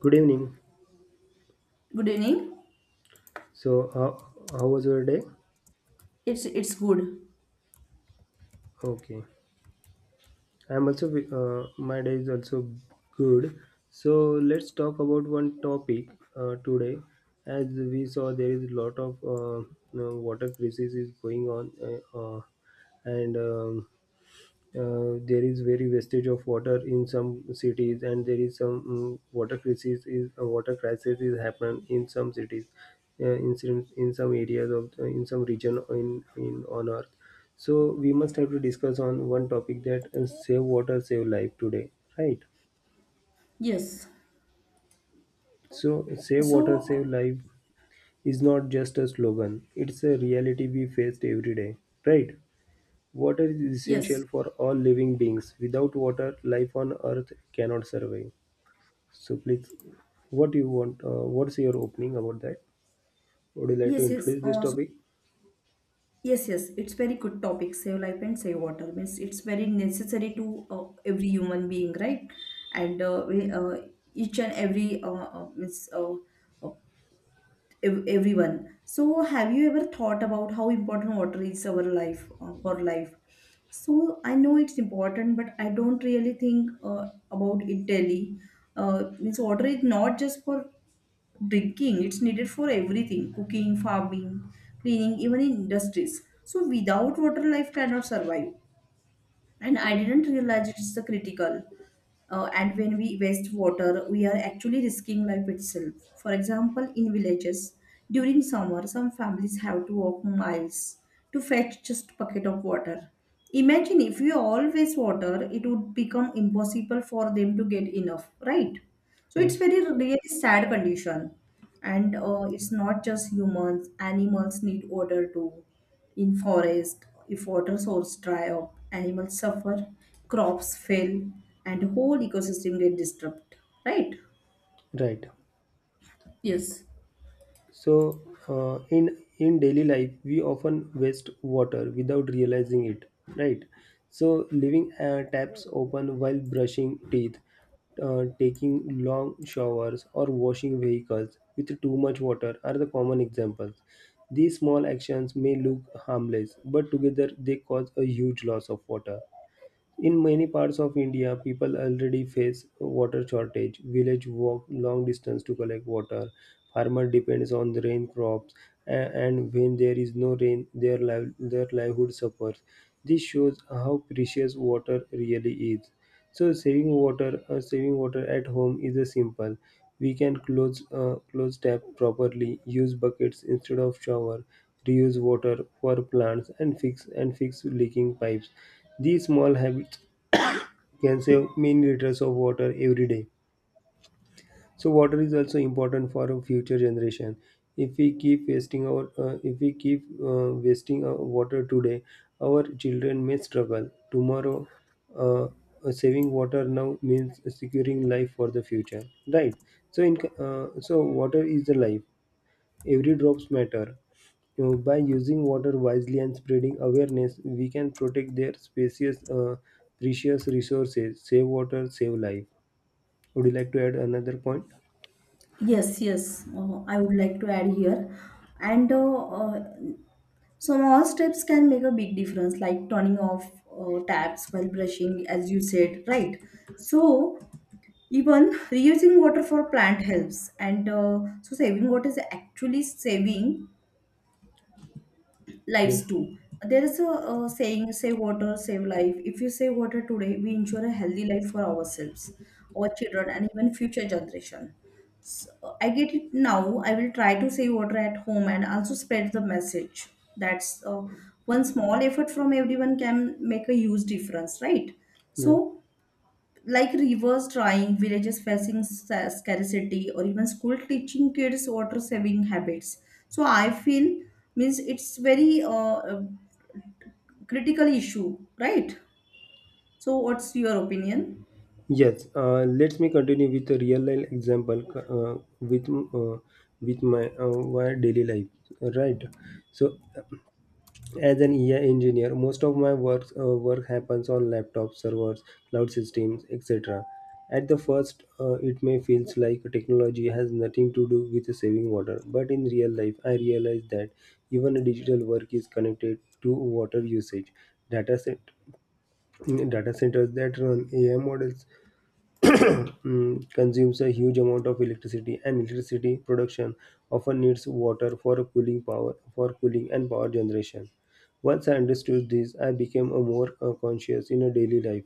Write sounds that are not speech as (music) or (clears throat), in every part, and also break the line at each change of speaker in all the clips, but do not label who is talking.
Good evening.
Good evening.
So, how was your day?
It's good.
Okay. I'm also, my day is also good. So, let's talk about one topic today. As we saw, there is a lot of water crisis is going on, and There is very wastage of water in some cities, and there is some water crisis is happening in some cities, in some areas of in some region in on Earth. So we must have to discuss on one topic that save water, save life today, right?
Yes.
So save
So,
water, save life is not just a slogan; it's a reality we faced every day, right? Water is essential
yes,
for all living beings. Without water, life on earth cannot survive. So please, what do you want? What's your opening about that? Would you like to
yes.
introduce this topic?
Yes. It's very good topic. Save life and save water means it's very necessary to uh, every human being, right? And we, each and every means uh, everyone. So, have you ever thought about how important water is our life for life? So I know it's important, but I don't really think about it daily. Means water is not just for drinking, it's needed for everything: cooking, farming, cleaning, even in industries. So without water, life cannot survive, and I didn't realize it's a critical and when we waste water we are actually risking life itself. For example, in villages during summer, some families have to walk miles to fetch just a bucket of water. Imagine if we all waste water, it would become impossible for them to get enough, right? So
Mm.
it's very really sad condition. And it's not just humans, animals need water too. In forest, if water source dry up, animals suffer, crops fail, and whole ecosystem get disturbed. Right?
Right.
Yes.
So, in daily life, we often waste water without realizing it. Right. So leaving taps open while brushing teeth, taking long showers, or washing vehicles with too much water are the common examples. These small actions may look harmless, but together they cause a huge loss of water. In many parts of India, people already face water shortage. Village walk long distance to collect water. Farmer depends on the rain crops, and when there is no rain, their livelihood suffers. This shows how precious water really is. So saving water at home is a simple. We can close tap properly, use buckets instead of shower, reuse water for plants, and fix leaking pipes. These small habits can save many liters of water every day. So water is also important for our future generation. If we keep wasting our, If we keep wasting our water today, our children may struggle tomorrow. Uh, Saving water now means securing life for the future, right? So water is the life. Every drops matter. You know, by using water wisely and spreading awareness, we can protect their precious resources. Save water, save life. Would you like to add another point?
Yes. I would like to add here, and small steps can make a big difference, like turning off taps while brushing, as you said, right? So even reusing water for plant helps, and so saving water is actually saving
Yes.
lives too. There is a, saying, save water, save life. If you save water today, we ensure a healthy life for ourselves, our children, and even future generation. So I get it now. I will try to save water at home and also spread the message. That's one small effort from everyone can make a huge difference, right?
Yeah.
So like rivers drying, villages facing scarcity, or even school teaching kids water saving habits. So I feel means it's very critical issue, right? So what's your opinion?
Yes. Let me continue with a real life example with my my daily life. Right. So as an AI engineer, most of my work work happens on laptops, servers, cloud systems, etc. At the first, it may feels like technology has nothing to do with saving water, but in real life, I realize that even digital work is connected to water usage. Data set Data centers that run AI models (clears throat) consumes a huge amount of electricity, and electricity production often needs water for cooling power, for cooling and power generation. Once I understood this, I became a more conscious in a daily life.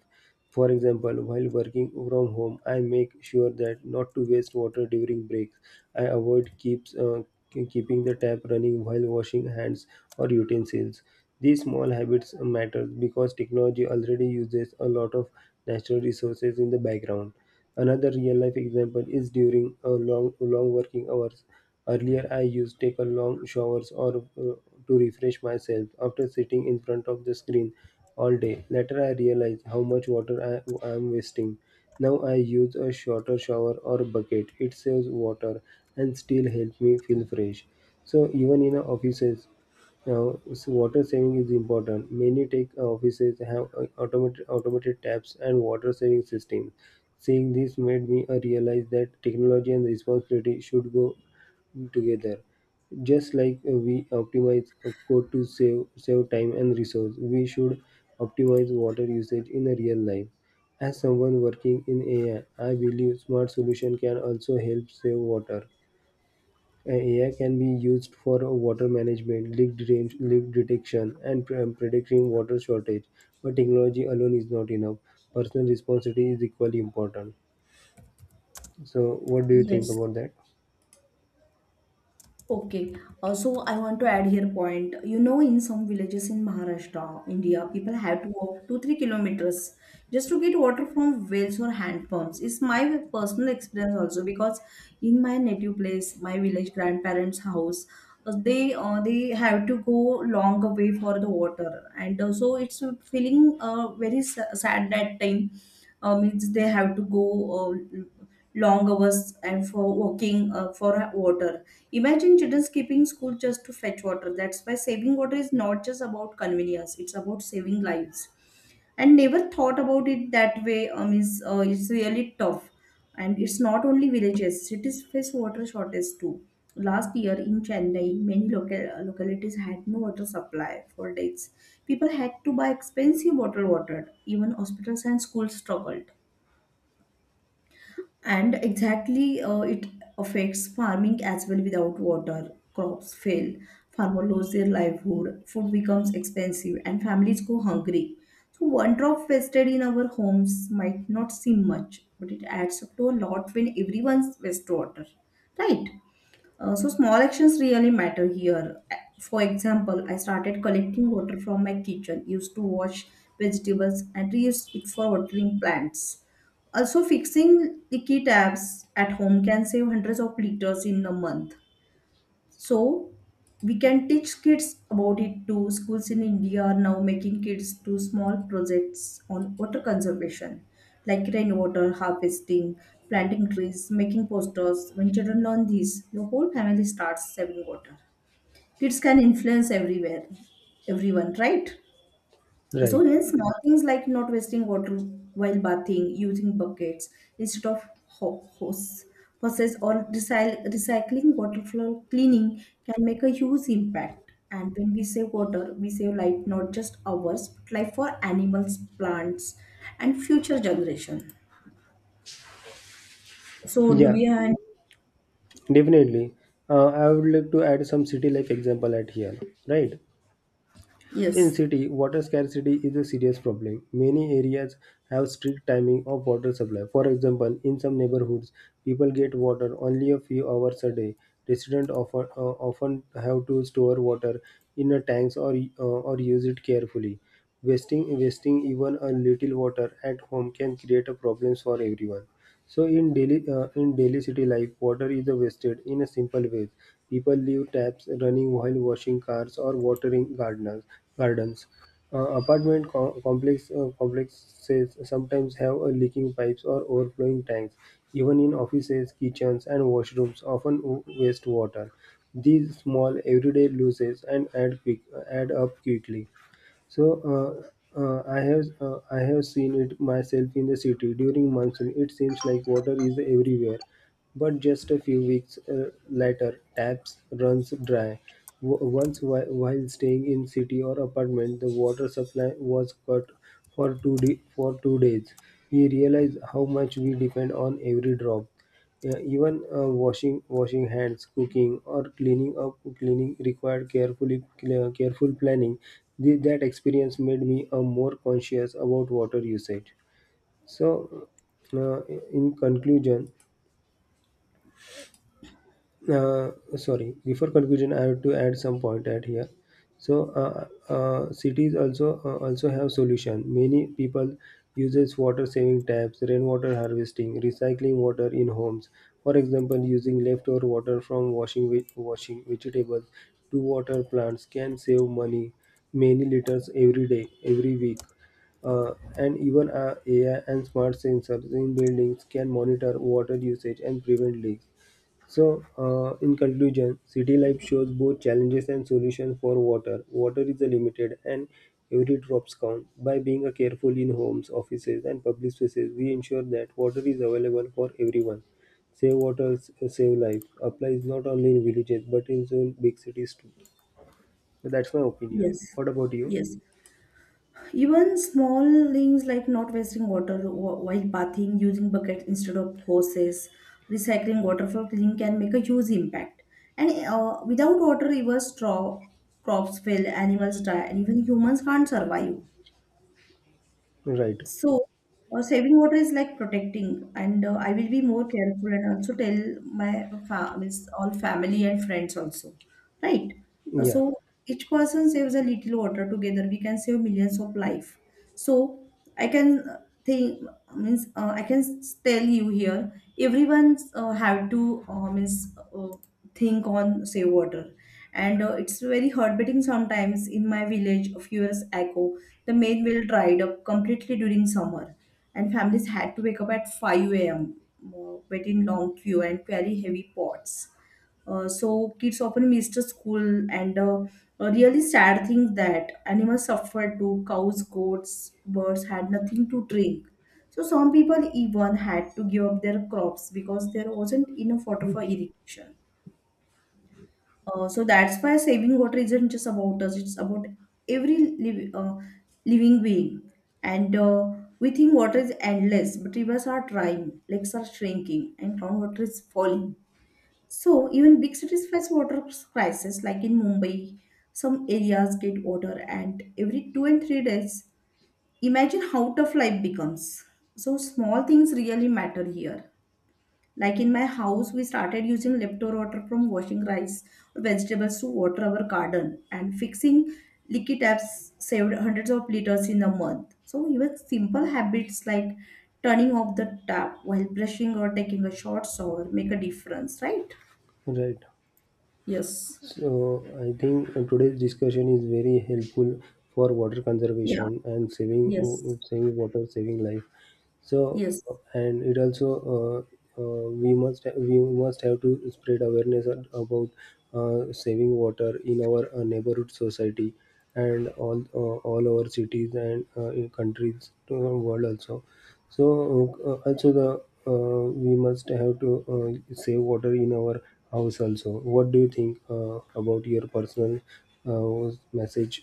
For example, while working from home, I make sure that not to waste water during breaks. I avoid keeps uh, keeping the tap running while washing hands or utensils. These small habits matter because technology already uses a lot of natural resources in the background. Another real life example is during a long long working hours. Earlier, I used to take a long showers or to refresh myself after sitting in front of the screen all day. Later, I realized how much water I am wasting. Now I use a shorter shower or bucket. It saves water and still helps me feel fresh. So even in our offices, now, so water saving is important. Many tech offices have automated taps and water saving systems. Seeing this made me realize that technology and responsibility should go together. Just like we optimize a code to save time and resource, we should optimize water usage in a real life. As someone working in AI, I believe smart solution can also help save water. AI can be used for water management, leak detection, and predicting water shortage. But technology alone is not enough. Personal responsibility is equally important. So, what do you think
Yes.
about that?
Okay, so I want to add here point. You know, in some villages in Maharashtra, India, people have to walk 2 3 kilometers just to get water from wells or hand pumps. It's my personal experience also, because in my native place, my village grandparents' house, they have to go long way for the water, and so it's feeling very sad that time. Means they have to go uh, long hours and for walking for water. Imagine children skipping school just to fetch water. That's why saving water is not just about convenience, it's about saving lives. And never thought about it that way. Is, it's really tough. And it's not only villages, cities face water shortage too. Last year in Chennai, many local localities had no water supply for days. People had to buy expensive bottled water. Even hospitals and schools struggled. And exactly it affects farming as well. Without water, crops fail, farmer lose their livelihood, food becomes expensive, and families go hungry. So one drop wasted in our homes might not seem much, but it adds up to a lot when everyone's waste water, right? Uh, so small actions really matter here. For example, I started collecting water from my kitchen, used to wash vegetables, and reused it for watering plants. Also, fixing leaky taps at home can save hundreds of liters in a month. So we can teach kids about it too. Schools in India are now making kids do small projects on water conservation, like rainwater harvesting, planting trees, making posters. When children learn these, the whole family starts saving water. Kids can influence everywhere, everyone, right? So
Right.
then small things like not wasting water while bathing, using buckets instead of hose, hoses, or recycling water for cleaning can make a huge impact. And when we save water, we save life, not just ours, but life for animals, plants, and future generation. So do
Yeah,
we have any?
definitely. I would like to add some city life example at here. Right. In
Yes,
city, water scarcity is a serious problem. Many areas have strict timing of water supply. For example, in some neighborhoods, people get water only a few hours a day. Residents often have to store water in a tanks or or use it carefully. Wasting even a little water at home can create a problems for everyone. So in daily city life, water is wasted in a simple ways. People leave taps running while washing cars or watering gardeners gardens. Apartment complexes sometimes have a leaking pipes or overflowing tanks. Even in offices, kitchens and washrooms often waste water. These small everyday losses and add quick add up quickly. So I have seen it myself in the city during monsoon. It seems like water is everywhere, but just a few weeks later, taps runs dry. While staying in city or apartment, the water supply was cut for two days. We realized how much we depend on every drop. Yeah, even washing hands, cooking, or cleaning required careful planning. That experience made me more conscious about water usage. So, uh, in conclusion, uh, sorry, before conclusion, I have to add some point at here. So, cities also have solution. Many people uses water saving taps, rainwater harvesting, recycling water in homes. For example, using leftover water from washing vegetables to water plants can save money, many liters every day, every week. And even AI and smart sensors in buildings can monitor water usage and prevent leaks. So, in conclusion, city life shows both challenges and solutions for water. Water is a limited and every drops count. By being a careful in homes, offices, and public spaces, we ensure that water is available for everyone. Save water, save life applies not only in villages but in some big cities too. So that's my opinion.
yes,
What about you?
yes. Even small things like not wasting water while bathing, using buckets instead of hoses, recycling water for cleaning can make a huge impact. And without water, rivers, straw, crops fail, animals die, and even humans can't survive.
Right.
So, saving water is like protecting, and I will be more careful and also tell my fa means all family and friends also, right?
Yeah.
So each person saves a little water together. We can save millions of life. So I can think, means I can tell you here. Everyone have to means think on save water. And it's very heartbreaking. Sometimes in my village a few years ago, the main well dried up completely during summer, and families had to wake up at 5 a.m., wait in long queue and carry heavy pots. Uh, so kids often missed the school. And A really sad thing, that animals suffered too. Cows, goats, birds had nothing to drink. So some people even had to give up their crops because there wasn't enough water for irrigation. Uh, so that's why saving water isn't just about us, it's about every living being. And we think water is endless, but rivers are drying, lakes are shrinking, and groundwater is falling. So even big cities face water crisis, like in Mumbai, some areas get water, and every two and three days, imagine how tough life becomes. So small things really matter here. Like in my house, we started using leftover water from washing rice or vegetables to water our garden, and fixing leaky taps saved hundreds of liters in a month. So, even simple habits like turning off the tap while brushing or taking a short shower make a difference, right?
Right.
Yes.
So I think today's discussion is very helpful for water
Yeah.
conservation and
Yes.
saving water, saving life. So
Yes.
and it also uh, we must have to spread awareness about saving water in our neighborhood society and all over cities and in countries to the world also. So also the we must have to save water in our house also. What do you think about your personal message?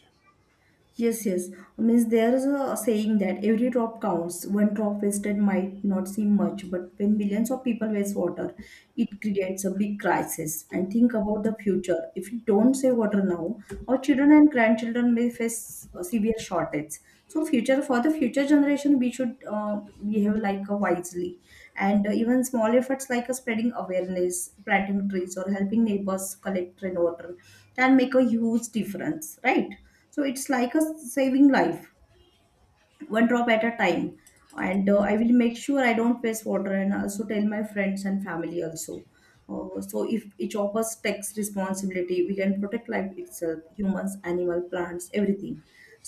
Yes, yes. Means there is a saying that every drop counts. One drop wasted might not seem much, but when millions of people waste water, it creates a big crisis. And think about the future. If we don't save water now, our children and grandchildren may face a severe shortage. So, future for the future generation, we should behave like wisely. And even small efforts like spreading awareness, planting trees, or helping neighbors collect rainwater can make a huge difference, right? So it's like a saving life one drop at a time. And I will make sure I don't waste water and also tell my friends and family also. So if each of us takes responsibility, we can protect life itself: humans, animal, plants, everything.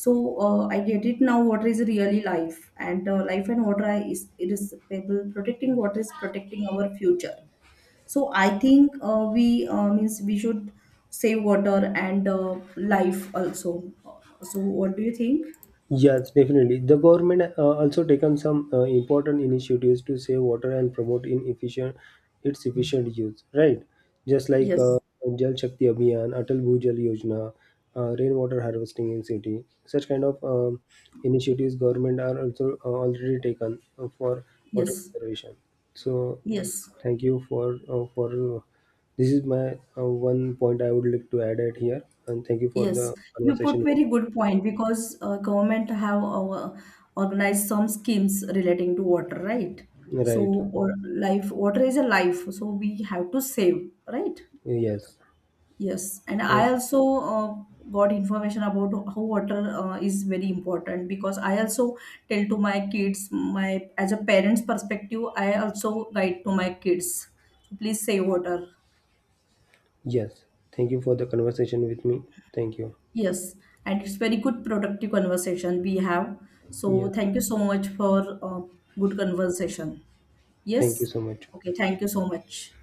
So I get it now, water is really life. And life and water is irreplaceable. Protecting water is protecting our future. So I think we means we should save water and life also. So what do you think?
Yes, definitely. The government also taken some important initiatives to save water and promote in efficient its efficient use. Right, just like
Yes,
Jal Shakti Abhiyan, Atal Bhujal Yojana, rainwater harvesting in city. Such kind of initiatives government are also already taken for water
yes,
conservation. So,
yes,
thank you for uh, this is my one point I would like to add at here, and thank you for the
yes. You put
conversation.
very good point because government have organized some schemes relating to water, right? So
Right.
or life, water is a life, so we have to save, right?
Yes.
Yes, and I
So,
also got information about how water is very important because I also tell to my kids, my as a parent's perspective I also guide to my kids. So please save water.
yes, thank you for the conversation with me. Thank you.
Yes, and it's very good productive conversation we have. So
Yes,
thank you so much for good conversation.
thank you
Yes.
so much.
Okay, thank you so much.